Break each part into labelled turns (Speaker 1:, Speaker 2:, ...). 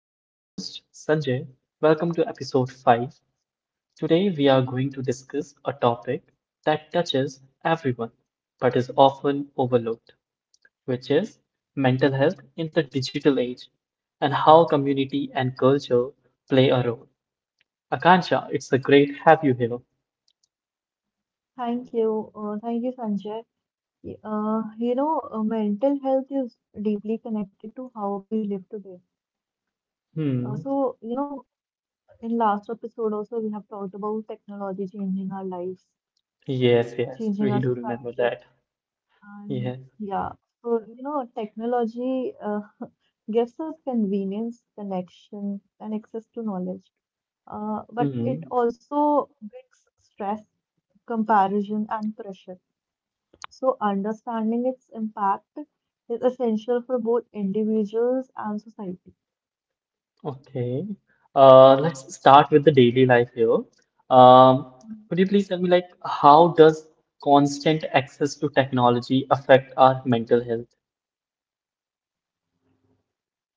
Speaker 1: I'm your host, Sanjay. Welcome to episode 5. Today, we are going to discuss a topic that touches everyone but is often overlooked, which is mental health in the digital age and how community and culture play a role. Akansha, it's a great have you here.
Speaker 2: Thank you. Thank you, Sanjay. Y- you know, mental health is deeply connected to how we live today.
Speaker 1: Hmm.
Speaker 2: So, you know, in last episode also we have talked about technology changing our lives,
Speaker 1: Yes, yes,
Speaker 2: changing our
Speaker 1: we do remember
Speaker 2: society,
Speaker 1: that.
Speaker 2: and
Speaker 1: Yes.
Speaker 2: yeah. So, you know, technology gives us convenience, connection, and access to knowledge. But it
Speaker 1: Hmm.
Speaker 2: also brings stress, comparison, and pressure. So, understanding its impact is essential for both individuals and society.
Speaker 1: Okay. Let's start with the daily life here. Um,
Speaker 2: Mm.
Speaker 1: could you please tell me, like, how does constant access to technology affect our mental health?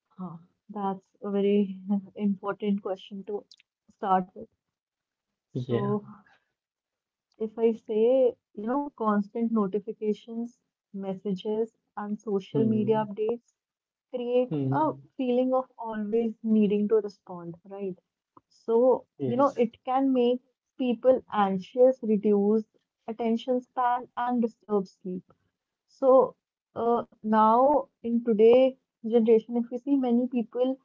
Speaker 2: Huh, that's a very important question to start with.
Speaker 1: Yeah.
Speaker 2: So, if I say, you know, constant notifications, messages, and social media
Speaker 1: Hmm.
Speaker 2: updates create a
Speaker 1: Hmm.
Speaker 2: feeling of always needing to respond, right? So, you know,
Speaker 1: Yes.
Speaker 2: it can make people anxious, reduce attention span, and disturb sleep. So, now in today generation, if you see many people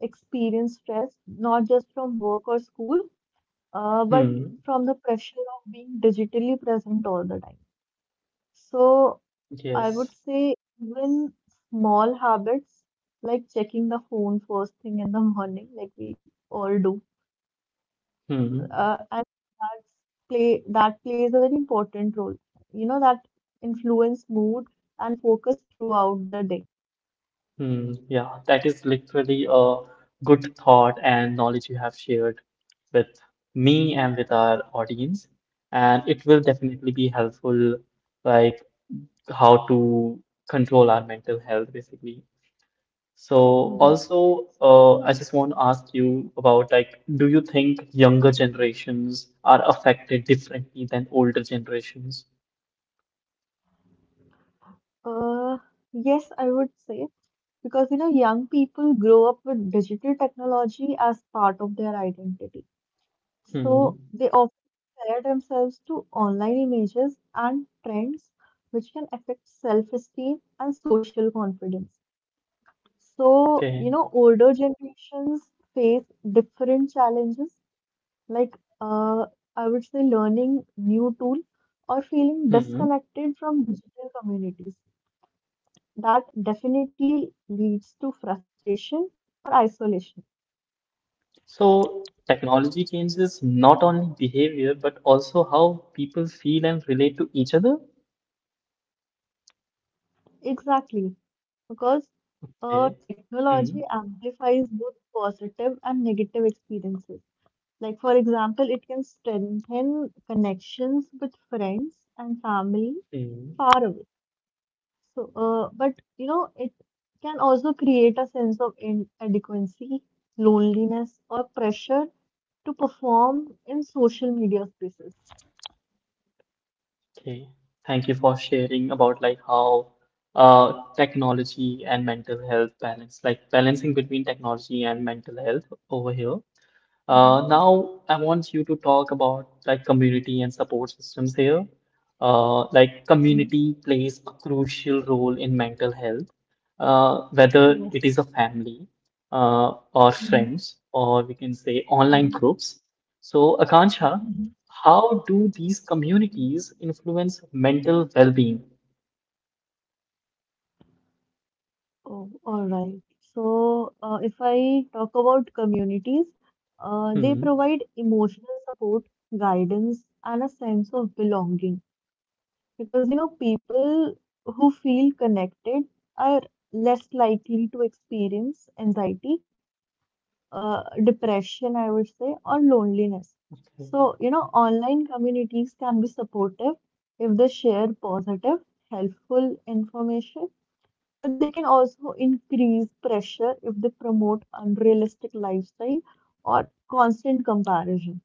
Speaker 2: experience stress, not just from work or school, but
Speaker 1: Hmm.
Speaker 2: from the pressure of being digitally present all the time. So I would
Speaker 1: Yes.
Speaker 2: say even small habits like checking the phone first thing in the morning, like we all do,
Speaker 1: Hmm.
Speaker 2: and that's plays a very important role. You know, that influence mood and focus throughout the day.
Speaker 1: Hmm. Yeah. That is literally a good thought and knowledge you have shared with me and with our audience, and it will definitely be helpful, like how to control our mental health basically. So
Speaker 2: Mhm.
Speaker 1: also, I just want to ask you about like, do you think younger generations are affected differently than older generations?
Speaker 2: Uh, yes, I would say because you know young people grow up with digital technology as part of their identity.
Speaker 1: Hmm.
Speaker 2: So they often compare themselves to online images and trends, which can affect self-esteem and social confidence. So,
Speaker 1: Okay.
Speaker 2: you know, older generations face different challenges, like I would say learning new tool or feeling
Speaker 1: Hmm.
Speaker 2: disconnected from digital communities. That definitely leads to frustration or isolation.
Speaker 1: So technology changes not only behavior but also how people feel and relate to each other.
Speaker 2: Exactly, because
Speaker 1: Okay. Hmm.
Speaker 2: technology amplifies both positive and negative experiences. Like, for example, it can strengthen connections with friends and family
Speaker 1: Hmm.
Speaker 2: far away. But you know, it can also create a sense of inadequacy, loneliness, or pressure to perform in social media spaces.
Speaker 1: Okay. Thank you for sharing about like how technology and mental health balance, like balancing between technology and mental health over here.
Speaker 2: Mhm,
Speaker 1: Now I want you to talk about like community and support systems here. Like
Speaker 2: mhm.
Speaker 1: community plays a crucial role in mental health, whether it
Speaker 2: Yes.
Speaker 1: is a family, or
Speaker 2: Mhm,
Speaker 1: friends, or we can say online groups. So, Akanksha,
Speaker 2: mhm.
Speaker 1: how do these communities influence mental well-being?
Speaker 2: Oh, all right. So, if I talk about communities, they
Speaker 1: Hmm.
Speaker 2: provide emotional support, guidance, and a sense of belonging. Because, you know, people who feel connected are less likely to experience anxiety, depression, I would say, or loneliness.
Speaker 1: Okay.
Speaker 2: So, you know, online communities can be supportive if they share positive, helpful information, but they can also increase pressure if they promote unrealistic lifestyle or constant comparison.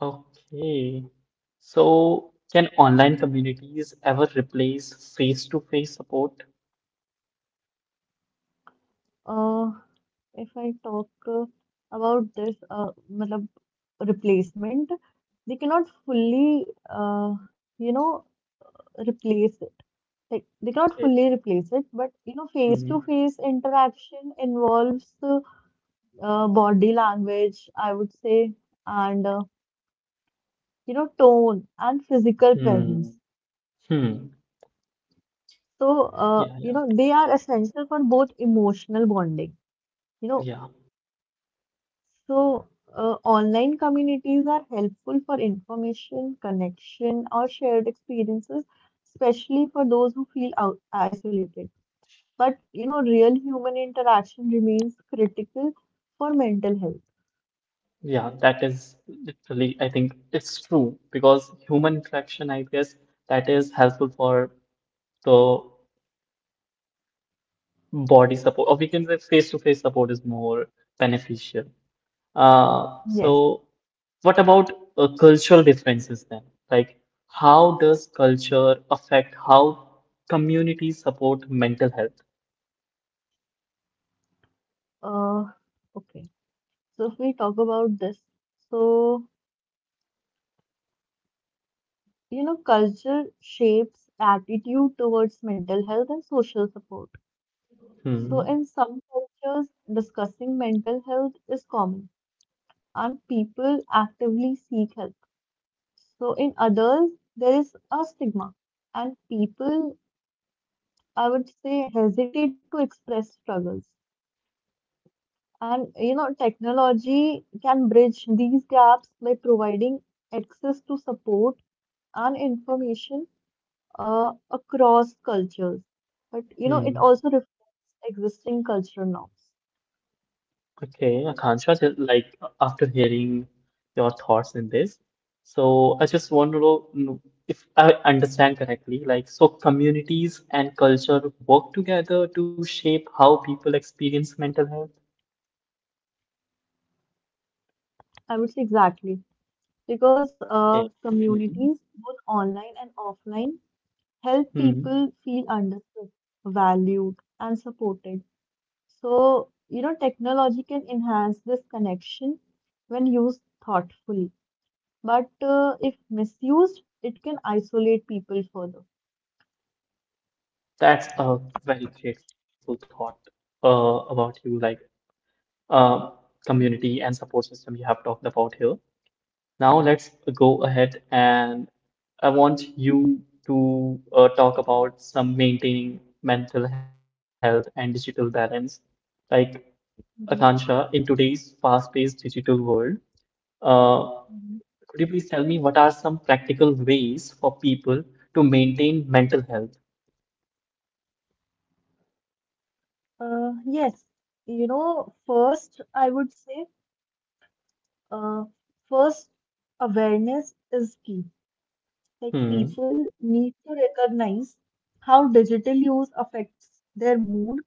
Speaker 1: Okay. So, can online communities ever replace face-to-face support?
Speaker 2: Uh, if I talk about this, matlab replacement, they cannot fully, you know, replace it. Like they cannot
Speaker 1: Okay.
Speaker 2: fully replace it, but you know,
Speaker 1: Hmm.
Speaker 2: face-to-face interaction involves body language, I would say, and you know, tone and physical
Speaker 1: Hmm.
Speaker 2: presence.
Speaker 1: Hmm.
Speaker 2: So,
Speaker 1: Yeah,
Speaker 2: you
Speaker 1: yeah,
Speaker 2: know, they are essential for both emotional bonding. You know,
Speaker 1: yeah,
Speaker 2: so online communities are helpful for information, connection, or shared experiences, especially for those who feel out isolated. But, you know, real human interaction remains critical for mental health.
Speaker 1: yeah. That is literally, I think it's true because human interaction, I guess, that is helpful for the body support, or we can say face-to-face support is more beneficial. Uh,
Speaker 2: Yes.
Speaker 1: so, what about cultural differences then? Like, how does culture affect how communities support mental health?
Speaker 2: Uh, okay. So, if we talk about this, so, you know, culture shapes attitude towards mental health and social support. So,
Speaker 1: Hmm.
Speaker 2: in some cultures, discussing mental health is common and people actively seek help. So, in others, there is a stigma and people, I would say, hesitate to express struggles. And you know, technology can bridge these gaps by providing access to support and information across cultures. But you know,
Speaker 1: Hmm.
Speaker 2: it also reflects existing cultural norms.
Speaker 1: Okay, Akansha, like after hearing your thoughts in this, so I just want to know if I understand correctly, like, so communities and culture work together to shape how people experience mental health?
Speaker 2: I would say exactly, because
Speaker 1: Okay. Hmm.
Speaker 2: communities, both online and offline, help
Speaker 1: Hmm.
Speaker 2: people feel understood, valued, and supported. So, you know, technology can enhance this connection when used thoughtfully, but if misused, it can isolate people further.
Speaker 1: That's a very grateful thought about you, like uh, community and support system you have talked about here. Now let's go ahead and I want you to talk about some maintaining mental health and digital balance. Like
Speaker 2: Mhm,
Speaker 1: Akansha, in today's fast-paced digital world, uh,
Speaker 2: mhm.
Speaker 1: could you please tell me what are some practical ways for people to maintain mental health?
Speaker 2: Yes, you know, first, I would say, uh, first, awareness is key. Like
Speaker 1: Hmm.
Speaker 2: people need to recognize how digital use affects their mood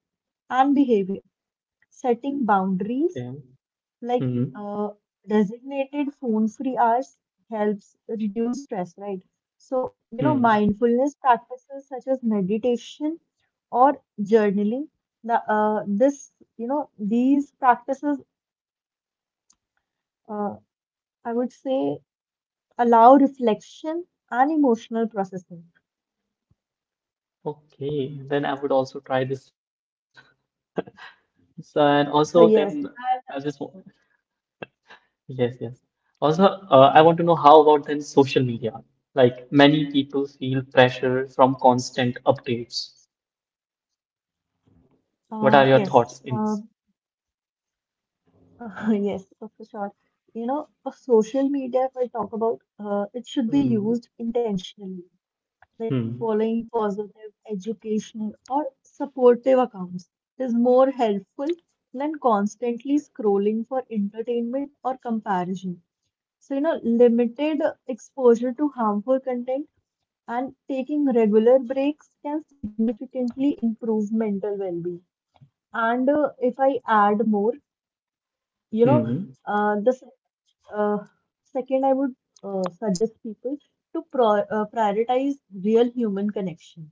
Speaker 2: and behavior. Setting
Speaker 1: Okay.
Speaker 2: boundaries like
Speaker 1: Hmm.
Speaker 2: uh, designated phone free hours helps reduce stress, right? So, you know,
Speaker 1: Hmm.
Speaker 2: mindfulness practices such as meditation or journaling, the, uh, this, these practices, uh, I would say, allow reflection and emotional processing.
Speaker 1: Okay, then I would also try this. So, and also
Speaker 2: Uh,
Speaker 1: then
Speaker 2: Yes,
Speaker 1: I just wa- yes, yes. Also, I want to know how about then social media? Like many people feel pressure from constant updates. What
Speaker 2: uh,
Speaker 1: are your
Speaker 2: yes.
Speaker 1: thoughts in
Speaker 2: Uh,
Speaker 1: this?
Speaker 2: Yes, for sure. You know, for social media, if I talk about, it should be used
Speaker 1: Hmm.
Speaker 2: intentionally, like following
Speaker 1: Hmm.
Speaker 2: positive, educational, or supportive accounts is more helpful than constantly scrolling for entertainment or comparison. So, you know, limited exposure to harmful content and taking regular breaks can significantly improve mental well-being. And if I add more, you know,
Speaker 1: Hmm.
Speaker 2: the uh, second, I would suggest people to pro prioritize real human connection.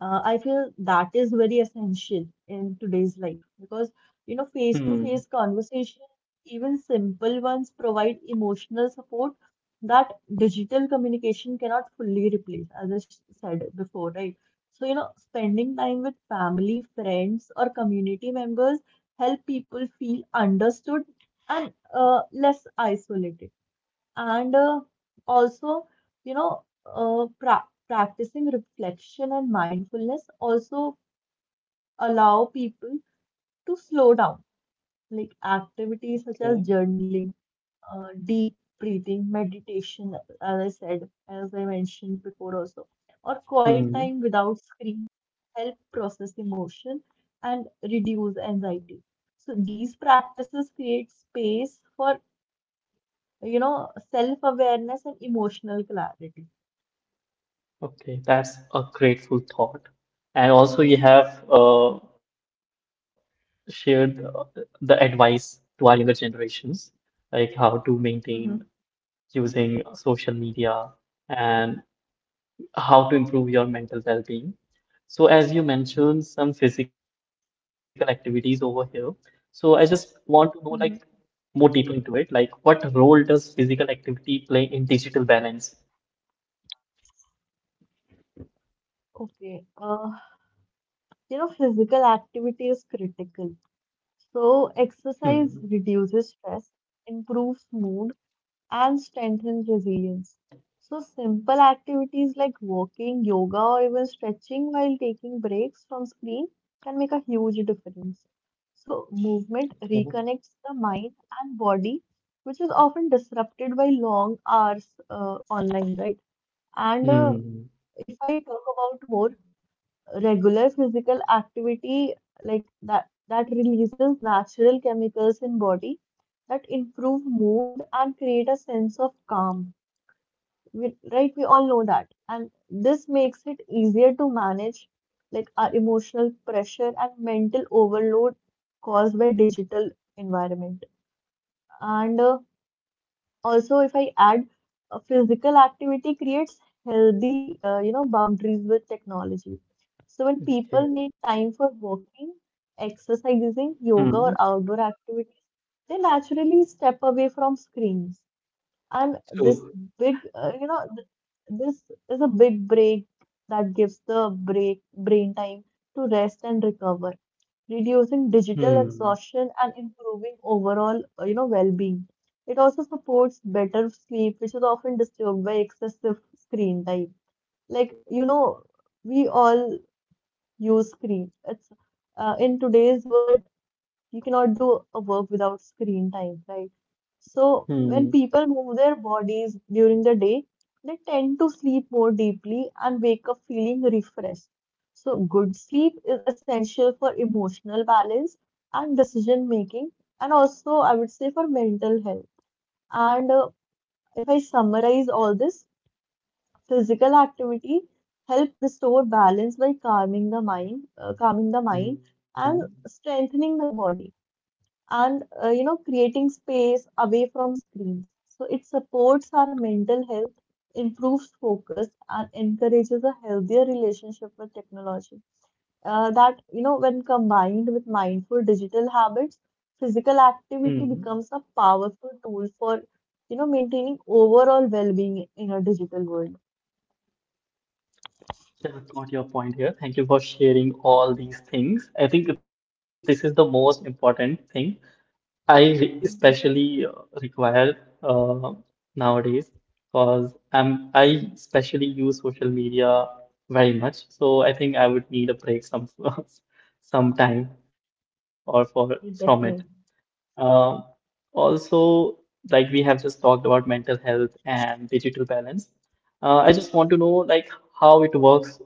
Speaker 2: I feel that is very essential in today's life because, you know,
Speaker 1: Hmm.
Speaker 2: face-to-face conversation, even simple ones, provide emotional support that digital communication cannot fully replace, as I said before, right? So, you know, spending time with family, friends, or community members help people feel understood and less isolated. And also, you know, practicing reflection and mindfulness also allow people to slow down. Like activities such as journaling, deep breathing, meditation, as I said, as I mentioned before also, or quiet
Speaker 1: Okay.
Speaker 2: time without screen help process emotion and reduce anxiety. So these practices create space for, you know, self-awareness and emotional clarity.
Speaker 1: Okay, that's a grateful thought. And also, you have shared the advice to our younger generations, like how to maintain
Speaker 2: Mm-hmm.
Speaker 1: using social media and how to improve your mental well-being. So, as you mentioned, some physical activities over here. So, I just want to know like
Speaker 2: Mm-hmm.
Speaker 1: more deeper into it. Like, what role does physical activity play in digital balance?
Speaker 2: Okay. You know, physical activity is critical. So
Speaker 1: Hmm.
Speaker 2: exercise reduces stress, improves mood, and strengthens resilience. So, simple activities like walking, yoga, or even stretching while taking breaks from screen can make a huge difference. So,
Speaker 1: Okay.
Speaker 2: movement reconnects the mind and body, which is often disrupted by long hours online, right? And
Speaker 1: Hmm.
Speaker 2: if I talk about more, regular physical activity like that releases natural chemicals in body that improve mood and create a sense of calm. We, right, we all know that. And this makes it easier to manage like our emotional pressure and mental overload caused by digital environment. And also if I add, physical activity creates healthy you know boundaries with technology. So when
Speaker 1: Okay.
Speaker 2: people make time for walking,
Speaker 1: Hmm.
Speaker 2: exercising, yoga or outdoor activities, they naturally step away from screens. And this
Speaker 1: So,
Speaker 2: big, you know, th- this is a big break that gives the brain time to rest and recover, reducing
Speaker 1: hmm.
Speaker 2: digital exhaustion and improving overall, you know, well-being. It also supports better sleep, which is often disturbed by excessive screen time. Like, you know, we all use screen. It's In today's world, you cannot do a work without screen time, right? So when
Speaker 1: Hmm.
Speaker 2: people move their bodies during the day, they tend to sleep more deeply and wake up feeling refreshed. So good sleep is essential for emotional balance and decision making, and also I would say for mental health. And if I summarize all this, physical activity help restore balance by calming the mind,
Speaker 1: Hmm.
Speaker 2: and strengthening the body and you know creating space away from screens, so it supports our mental health, improves focus, and encourages a healthier relationship with technology. That you know, when combined with mindful digital habits, physical activity
Speaker 1: Hmm.
Speaker 2: becomes a powerful tool for, you know, maintaining overall well-being in a digital world.
Speaker 1: So I got your point here. Thank you for sharing all these things. I think this is the most important thing
Speaker 2: Mhm.
Speaker 1: especially require uh, nowadays because I especially use social media very much. So I think I would need a break some some time or for from it.
Speaker 2: Yeah, definitely.
Speaker 1: Um Also, like we have just talked about mental health and digital balance. I just want to know like how it works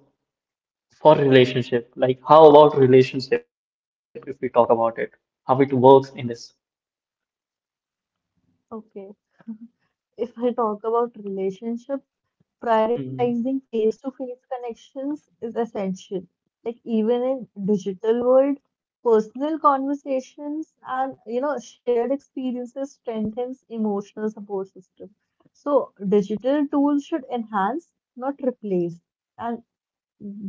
Speaker 1: for relationship. Like how about relationship if we talk about it? How it works in this?
Speaker 2: Okay. If I talk about relationships,
Speaker 1: Hmm.
Speaker 2: prioritizing face-to-face connections is essential. Like even in digital world, personal conversations and you know shared experiences strengthens emotional support system. So digital tools should enhance, not replace. And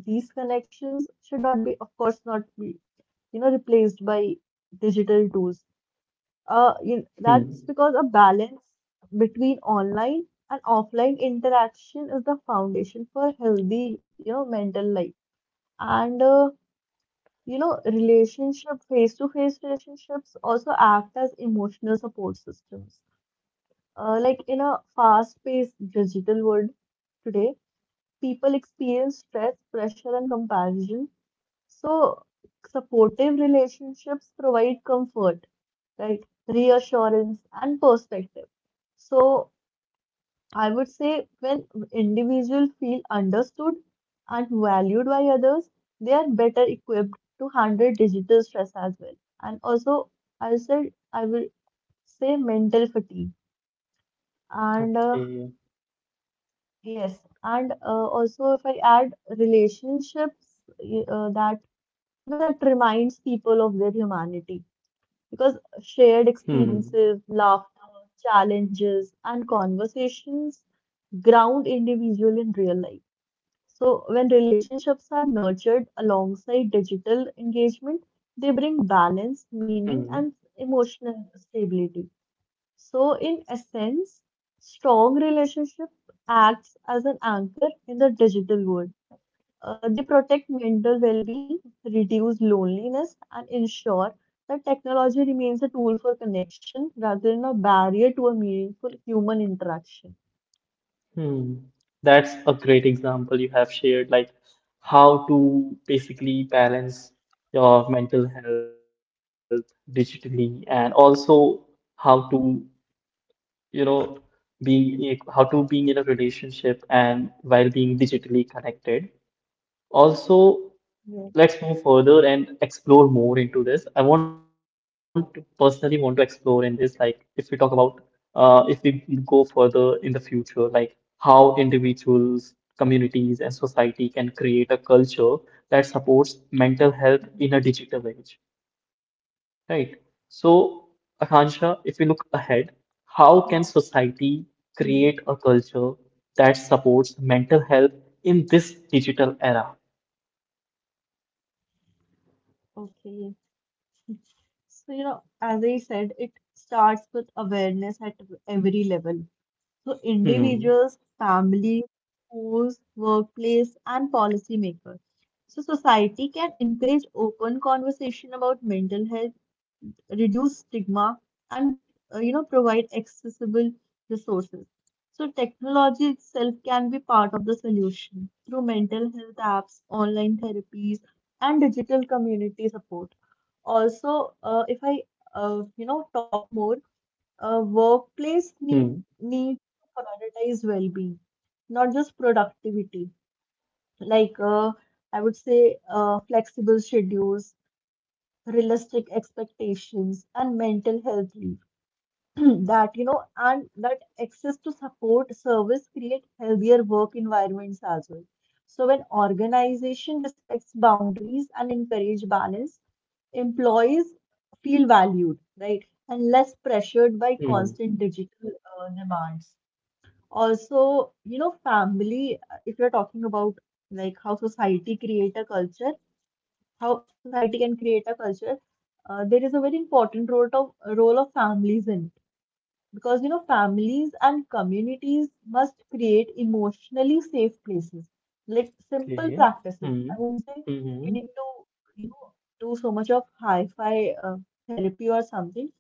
Speaker 2: these connections should not be, of course, not be, you know, replaced by digital tools.
Speaker 1: Hmm.
Speaker 2: You that's because a balance between online and offline interaction is the foundation for healthy, you know, mental life. And you know, relationship, face-to-face relationships also act as emotional support systems. Like in a fast-paced digital world today, people experience stress, pressure, and comparison. So, supportive relationships provide comfort, right? Reassurance and perspective. So, I would say when individuals feel understood and valued by others, they are better equipped to handle digital stress as well. And also, I said I will say mental fatigue. And
Speaker 1: Okay.
Speaker 2: Yes, and also if I add relationships that you know that reminds people of their humanity, because
Speaker 1: Hmm.
Speaker 2: shared experiences, laughter, challenges, and conversations ground individual in real life. So when relationships are nurtured alongside digital engagement, they bring
Speaker 1: Hmm.
Speaker 2: balance, meaning, and emotional stability. So, in essence, strong relationship acts as an anchor in the digital world. They protect mental well-being, reduce loneliness, and ensure that technology remains a tool for connection rather than a barrier to a meaningful human interaction.
Speaker 1: Hmm. That's a great example you have shared, like how to basically balance your mental health digitally and also how to you know, being how to being in a relationship and while being digitally connected. Also,
Speaker 2: Yeah.
Speaker 1: let's move further and explore more into this. I want to personally want to explore in this, like if we talk about if we go further in the future, like how individuals, communities, and society can create a culture that supports mental health in a digital age. Right. So, Akansha, if we look ahead, how can society
Speaker 2: Mhm.
Speaker 1: create a culture that supports mental health in this digital era?
Speaker 2: Okay. So, you know, as I said, it starts with awareness at every level. So
Speaker 1: Hmm.
Speaker 2: individuals, families, schools, workplace, and policymakers. So society can encourage open conversation about mental health, reduce stigma, and you know provide accessible resources. So technology itself can be part of the solution through mental health apps, online therapies, and digital community support. Also, if I you know talk more,
Speaker 1: Hmm.
Speaker 2: workplace need to prioritize well-being, not just productivity. Like I would say, flexible schedules, realistic expectations and mental health leave that you know and that access to support service create healthier work environments as well. So when organization respects boundaries and encourage balance, employees feel valued, right, and less pressured
Speaker 1: Hmm.
Speaker 2: by constant digital demands. Also, you know, family, if you're talking about like how society create a culture how society can create a culture, there is a very important role of families in it. Because you know, families and communities must create emotionally safe places. Like simple
Speaker 1: Okay.
Speaker 2: practices.
Speaker 1: Hmm.
Speaker 2: I won't say
Speaker 1: Hmm.
Speaker 2: you need to, you know, do so much of hi-fi therapy or something.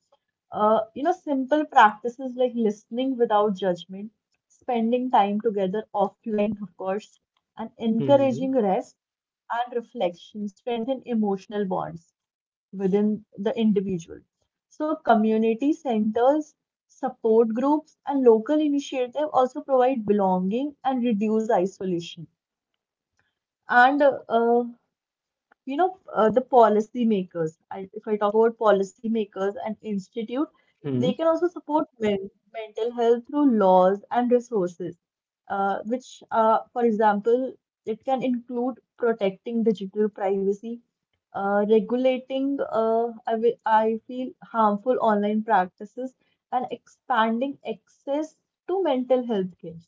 Speaker 2: Simple practices like listening without judgment, spending time together offline, of course, and
Speaker 1: Hmm.
Speaker 2: encouraging rest and reflection strengthen emotional bonds within the individual. So community centers, support groups, and local initiative also provide belonging and reduce isolation. And the policy makers, if I talk about policy makers and institute,
Speaker 1: Hmm.
Speaker 2: they can also support mental health through laws and resources, which, for example, it can include protecting digital privacy, regulating, I feel, harmful online practices and expanding access to mental health care.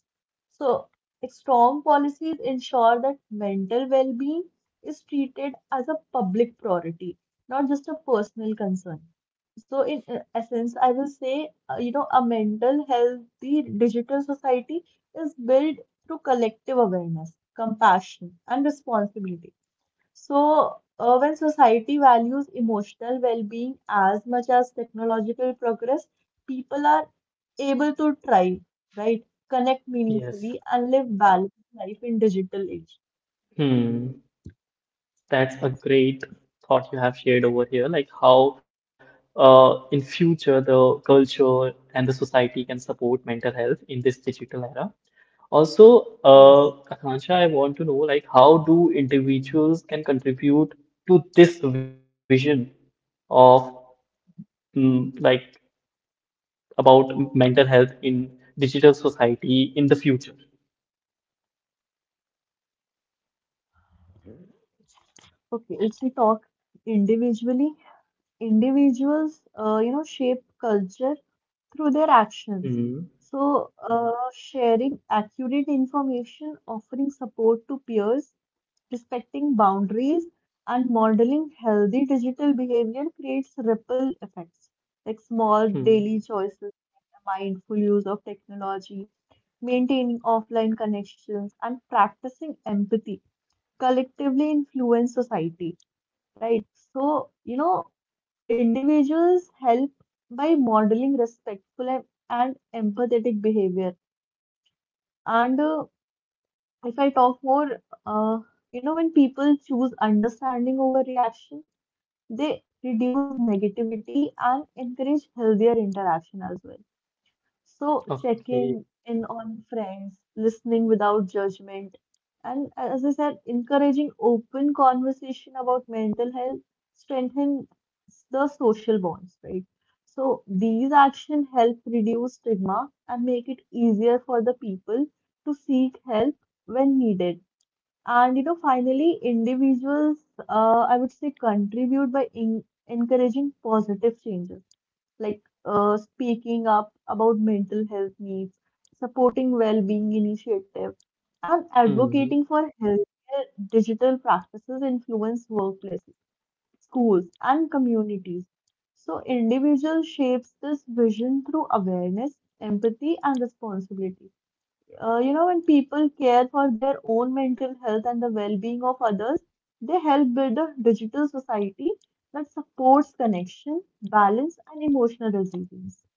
Speaker 2: So strong policies ensure that mental well being is treated as a public priority, not just a personal concern. So, in essence, I will say, you know, a mental healthy digital society is built through collective awareness, compassion, and responsibility. So, when society values emotional well-being as much as technological progress, people are able to thrive, right? Connect
Speaker 1: Yes.
Speaker 2: meaningfully and live balanced life in digital age.
Speaker 1: Hmm. That's a great thought you have shared over here. Like how, in future the culture and the society can support mental health in this digital era. Also,
Speaker 2: Yes.
Speaker 1: Akansha, I want to know like how do individuals can contribute to this vision of mm, like about mental health in digital society in the future?
Speaker 2: Okay, let's we talk individually, individuals, you know, shape culture through their actions.
Speaker 1: Mm,
Speaker 2: So, sharing accurate information, offering support to peers, respecting boundaries and modeling healthy digital behavior creates ripple effects, like small
Speaker 1: mm,
Speaker 2: daily choices, mindful use of technology, maintaining offline connections and practicing empathy collectively influence society, right? So you know individuals help by modeling respectful and empathetic behavior. And if I talk more uh, you know, when people choose understanding over reaction, they reduce negativity and encourage healthier interaction as well. So,
Speaker 1: okay.
Speaker 2: checking in on friends, listening without judgment, and as I said, encouraging open conversation about mental health strengthens the social bonds, right? So, these actions help reduce stigma and make it easier for the people to seek help when needed. And you know, finally, individuals, I would say, contribute by in encouraging positive changes, like speaking up about mental health needs, supporting well-being initiatives, and advocating for healthier digital practices influence workplaces, schools, and communities. So, individual shapes this vision through awareness, empathy, and responsibility. You know, when people care for their own mental health and the well-being of others, they help build a digital society that supports connection, balance, and emotional resilience.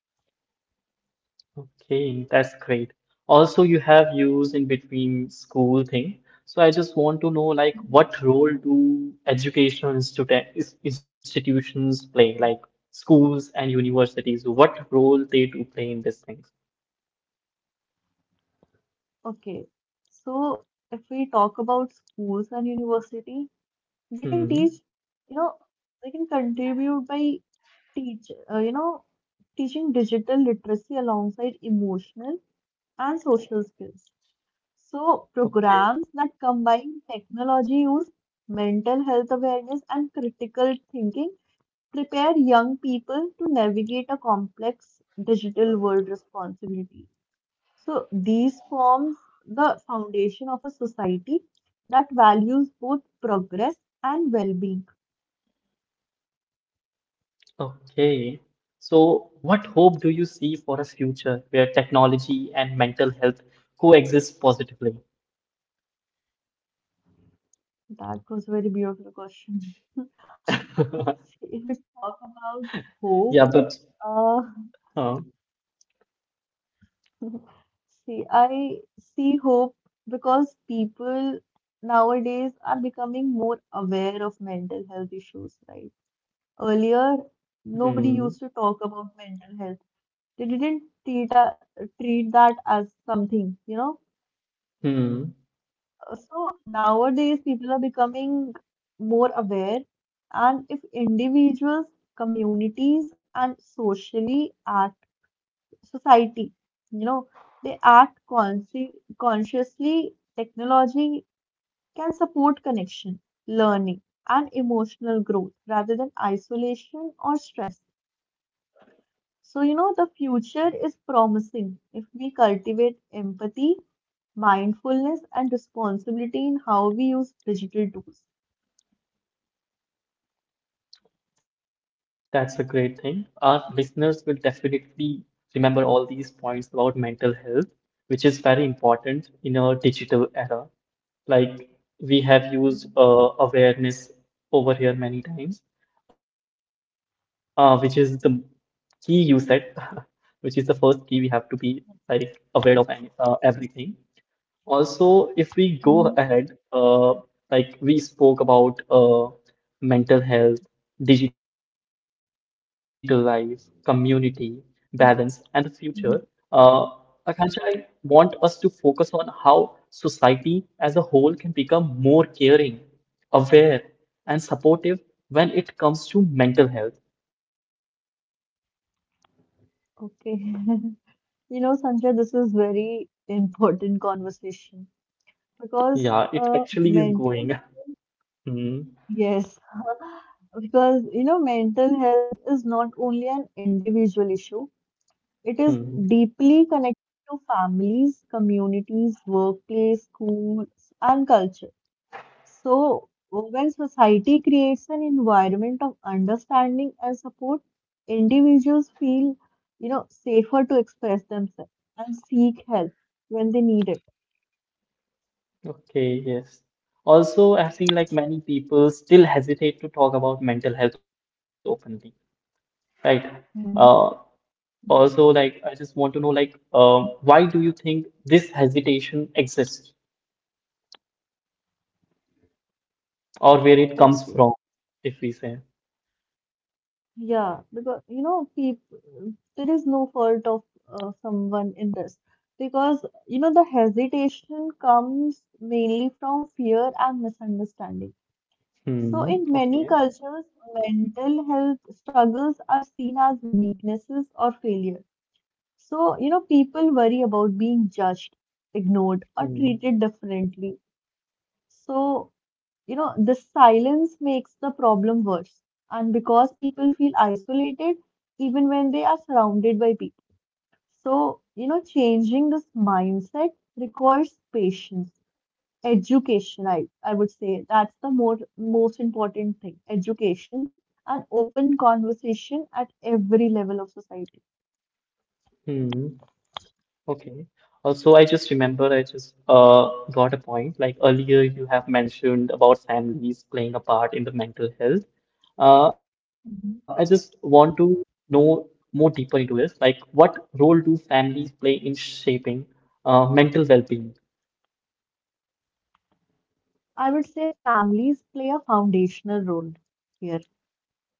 Speaker 1: Okay, that's great. Also, you have used in between school thing. So I just want to know like what role do institutions play, like schools and universities, what role they do play in these things?
Speaker 2: Okay, so if we talk about schools and university, they can
Speaker 1: Hmm.
Speaker 2: teach, you know, they can contribute by teach, uh, you know, teaching digital literacy alongside emotional and social skills. So,
Speaker 1: Okay.
Speaker 2: programs that combine technology use, mental health awareness, and critical thinking prepare young people to navigate a complex digital world responsibly. So, these forms the foundation of a society that values both progress and well being.
Speaker 1: Okay. So what hope do you see for a future where technology and mental health coexist positively?
Speaker 2: That was a very beautiful question. If we talk about hope,
Speaker 1: Yeah, but
Speaker 2: uh,
Speaker 1: uh,
Speaker 2: see, I see hope because people nowadays are becoming more aware of mental health issues, right? Earlier,
Speaker 1: hmm,
Speaker 2: nobody used to talk about mental health. They didn't treat that as something, you know?
Speaker 1: hmm.
Speaker 2: So nowadays, people are becoming more aware, and if individuals, communities, and socially society. You know, they act consciously. Technology can support connection, learning, and emotional growth rather than isolation or stress. So, you know, the future is promising if we cultivate empathy, mindfulness, and responsibility in how we use digital tools.
Speaker 1: That's a great thing. Our listeners will definitely remember all these points about mental health, which is very important in our digital era. Like we have used awareness over here many times, which is the key you said, which is the first key we have to be like aware of any everything. Also, if we go
Speaker 2: Mhm.
Speaker 1: ahead, like we spoke about mental health, digital life, community, balance, and the future, uh,
Speaker 2: Mhm.
Speaker 1: Akansha, I want us to focus on how society as a whole can become more caring, aware, and supportive when it comes to mental health.
Speaker 2: Okay. You know, Sanjay, this is very important conversation
Speaker 1: Yeah,
Speaker 2: because
Speaker 1: it actually is going.
Speaker 2: mental.
Speaker 1: Hmm,
Speaker 2: Yes, because you know, mental health is not only an individual issue, it is
Speaker 1: hmm.
Speaker 2: deeply connected to families, communities, workplace, schools, and culture. So, when society creates an environment of understanding and support, individuals feel, you know, safer to express themselves and seek help when they need it.
Speaker 1: Okay, yes. Also, I think like many people still hesitate to talk about mental health openly, right? Uh,
Speaker 2: Hmm.
Speaker 1: also,
Speaker 2: Yes.
Speaker 1: like I just want to know, like, why do you think this hesitation exists, or where it comes from,
Speaker 2: Okay.
Speaker 1: if we say?
Speaker 2: Yeah, because you know, people, there is no fault of someone in that, because you know the hesitation comes mainly from fear and misunderstanding. So
Speaker 1: Hmm.
Speaker 2: in many
Speaker 1: Okay.
Speaker 2: cultures, mental health struggles are seen as weaknesses or failure. So you know, people worry about being judged, ignored, or
Speaker 1: Hmm.
Speaker 2: treated differently. So you know, the silence makes the problem worse. And because people feel isolated, even when they are surrounded by people. So, you know, changing this mindset requires patience, education, I would say. That's the most important thing, education and open conversation at every level of society.
Speaker 1: Hmm. Okay. Also, I just remember I just got a point. Like earlier, you have mentioned about families playing a part in the mental health. I just want
Speaker 2: Mhm.
Speaker 1: to know more deeper into this. Like, what role do families play in shaping mental well-being?
Speaker 2: I would say families play a foundational role here,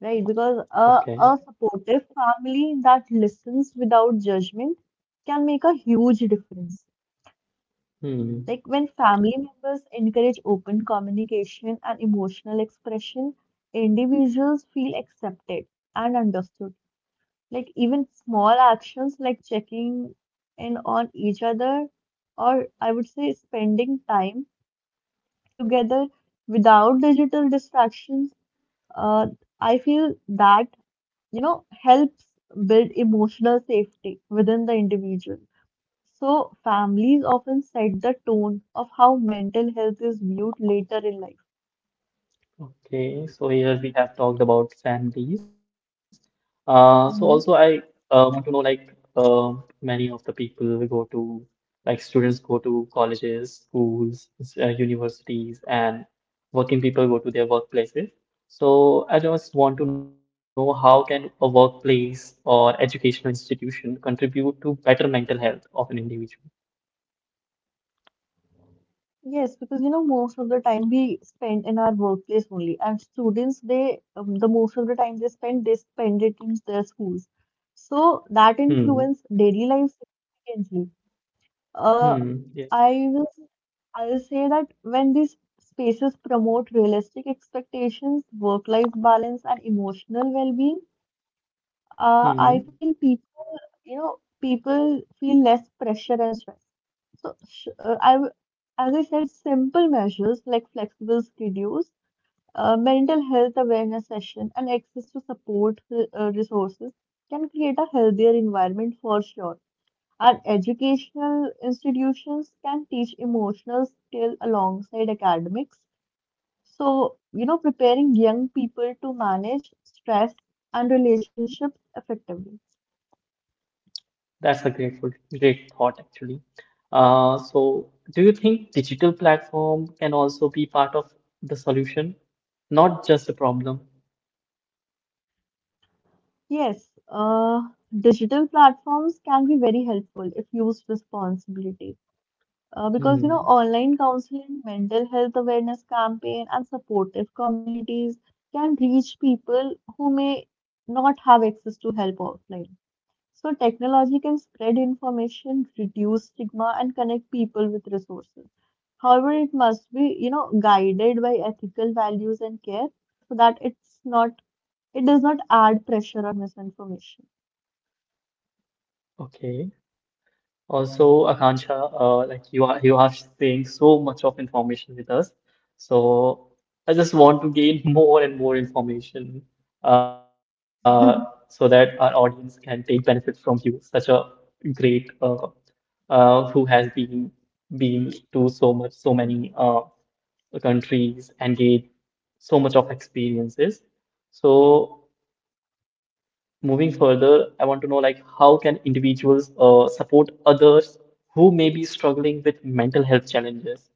Speaker 2: right?
Speaker 1: Okay.
Speaker 2: Because a supportive family that listens without judgment can make a huge difference.
Speaker 1: Hmm.
Speaker 2: Like when family members encourage open communication and emotional expression, individuals feel accepted and understood. Like even small actions like checking in on each other, or I would say spending time together without digital distractions, uh, I feel that, you know, helps build emotional safety within the individual. So, families often set the tone of how mental health is viewed later in life.
Speaker 1: Okay, so here we have talked about families. Uh, so also I
Speaker 2: Hmm.
Speaker 1: uh, want to know like many of the people go to like students go to colleges, schools, universities, and working people go to their workplaces. So I just want to know how can a workplace or educational institution contribute to better mental health of an individual?
Speaker 2: Yes, because you know, most of the time we spend in our workplace only, and students, they the most of the time they spend it in their schools. So
Speaker 1: Hmm.
Speaker 2: that influence daily life significantly. Uh,
Speaker 1: Hmm. Yes.
Speaker 2: I will I will say that when these spaces promote realistic expectations, work-life balance, and emotional well-being,
Speaker 1: Hmm.
Speaker 2: I feel people, you know, people feel less pressure and stress. So, as I said, simple measures like flexible schedules, mental health awareness session, and access to support resources can create a healthier environment for sure. Our educational institutions can teach emotional skill alongside academics. So, you know, preparing young people to manage stress and relationships effectively.
Speaker 1: That's a great thought actually. So do you think digital platform can also be part of the solution, not just a problem?
Speaker 2: Yes, digital platforms can be very helpful if used responsibly. Because you know,
Speaker 1: Hmm,
Speaker 2: online counseling, mental health awareness campaign, and supportive communities can reach people who may not have access to help offline. So technology can spread information, reduce stigma, and connect people with resources. However, it must be, you know, guided by ethical values and care so that it does not add pressure on misinformation.
Speaker 1: okay. Also, Akansha, like you are sharing so much of information with us. So I just want to gain more and more information uh, so that our audience can take benefit from you, such a great who has been to so much so many
Speaker 2: Mhm.
Speaker 1: countries and gained so much of experiences. So moving further, I want to know like how can individuals support others who may be struggling with mental health challenges?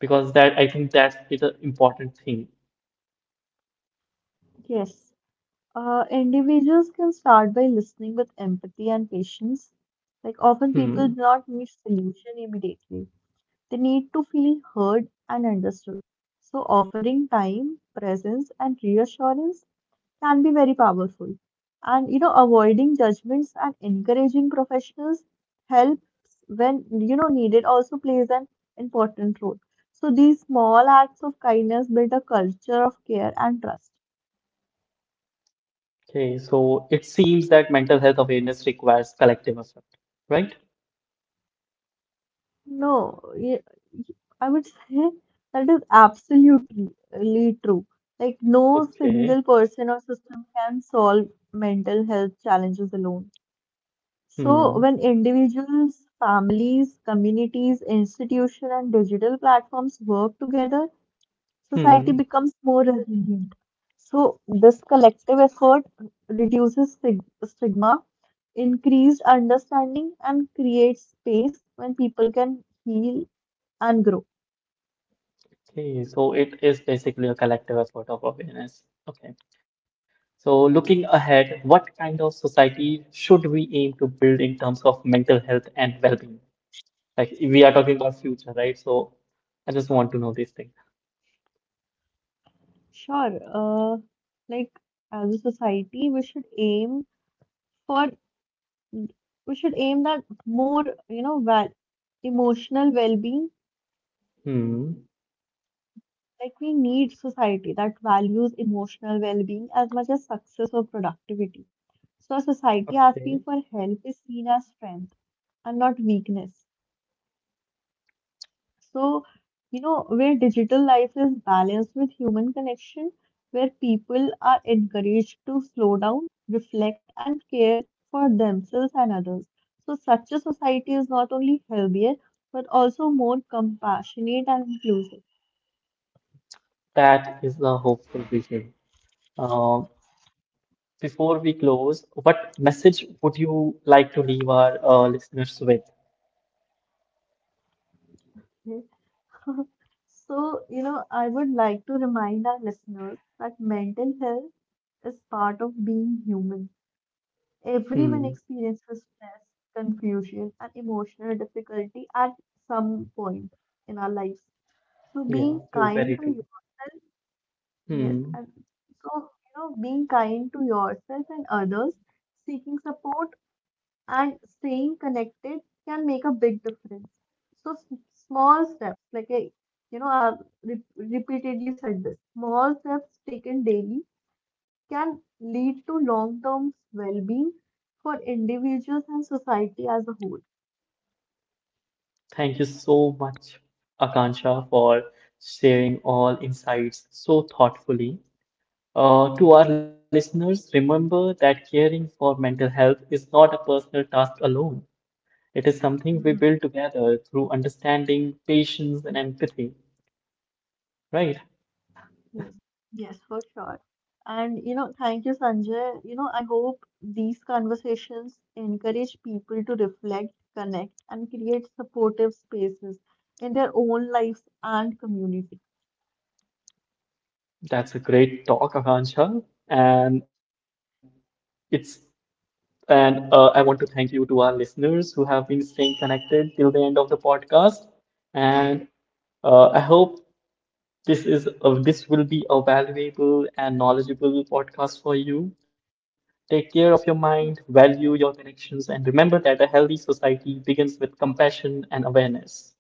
Speaker 1: Because that I think that is an important thing.
Speaker 2: Yes. Individuals can start by listening with empathy and patience. Like often people
Speaker 1: Hmm.
Speaker 2: do not need solution immediately. They need to feel heard and understood. So offering time, presence, and reassurance can be very powerful. And you know, avoiding judgments and encouraging professional help when you know needed also plays an important role. So these small acts of kindness build a culture of care and trust.
Speaker 1: Okay, so it seems that mental health awareness requires collective effort, right?
Speaker 2: No, y- I would say that is absolutely really true. Like no single
Speaker 1: Okay.
Speaker 2: person or system can solve mental health challenges alone. So,
Speaker 1: Hmm.
Speaker 2: when individuals, families, communities, institutions, and digital platforms work together, society
Speaker 1: Hmm.
Speaker 2: becomes more resilient. So, this collective effort reduces stigma, increased understanding, and creates space when people can heal and grow.
Speaker 1: Okay, so it is basically a collective effort of awareness. Okay. So looking
Speaker 2: Yes,
Speaker 1: ahead, what kind of society should we aim to build in terms of mental health and well-being? Like we are talking about future, right? So I just want to know these things.
Speaker 2: sure. Like as a society, we should aim for we should aim that more, you know, val emotional well-being.
Speaker 1: Hmm.
Speaker 2: Like we need society that values emotional well-being as much as success or productivity. So a society
Speaker 1: Okay.
Speaker 2: asking for help is seen as strength and not weakness. So, you know, where digital life is balanced with human connection, where people are encouraged to slow down, reflect, and care for themselves and others. So such a society is not only healthier, but also more compassionate and inclusive.
Speaker 1: That is a hopeful vision. Uh, before we close, what message would you like to leave our listeners with?
Speaker 2: Hmm? So, you know, I would like to remind our listeners that mental health is part of being human.
Speaker 1: Hmm.
Speaker 2: Everyone experiences stress, confusion, and emotional difficulty at some point in our lives. So,
Speaker 1: Yeah,
Speaker 2: being
Speaker 1: true, very
Speaker 2: kind to
Speaker 1: true.
Speaker 2: yourself, yes,
Speaker 1: Hmm.
Speaker 2: and so, you know, being kind to yourself and others, seeking support and staying connected can make a big difference. So small steps, like you know, I've repeatedly said this, small steps taken daily can lead to long-term well-being for individuals and society as a whole.
Speaker 1: Thank you so much, Akansha, for sharing all insights so thoughtfully. To our listeners, remember that caring for mental health is not a personal task alone. It is something we build together through understanding, patience, and empathy, right?
Speaker 2: Yes, yes, for sure. And you know, thank you, Sanjay. You know, I hope these conversations encourage people to reflect, connect, and create supportive spaces in their own lives and community.
Speaker 1: That's a great talk, Akansha. And it's and I want to thank you to our listeners who have been staying connected till the end of the podcast. And I hope this will be a valuable and knowledgeable podcast for you. Take care of your mind, value your connections, and remember that a healthy society begins with compassion and awareness.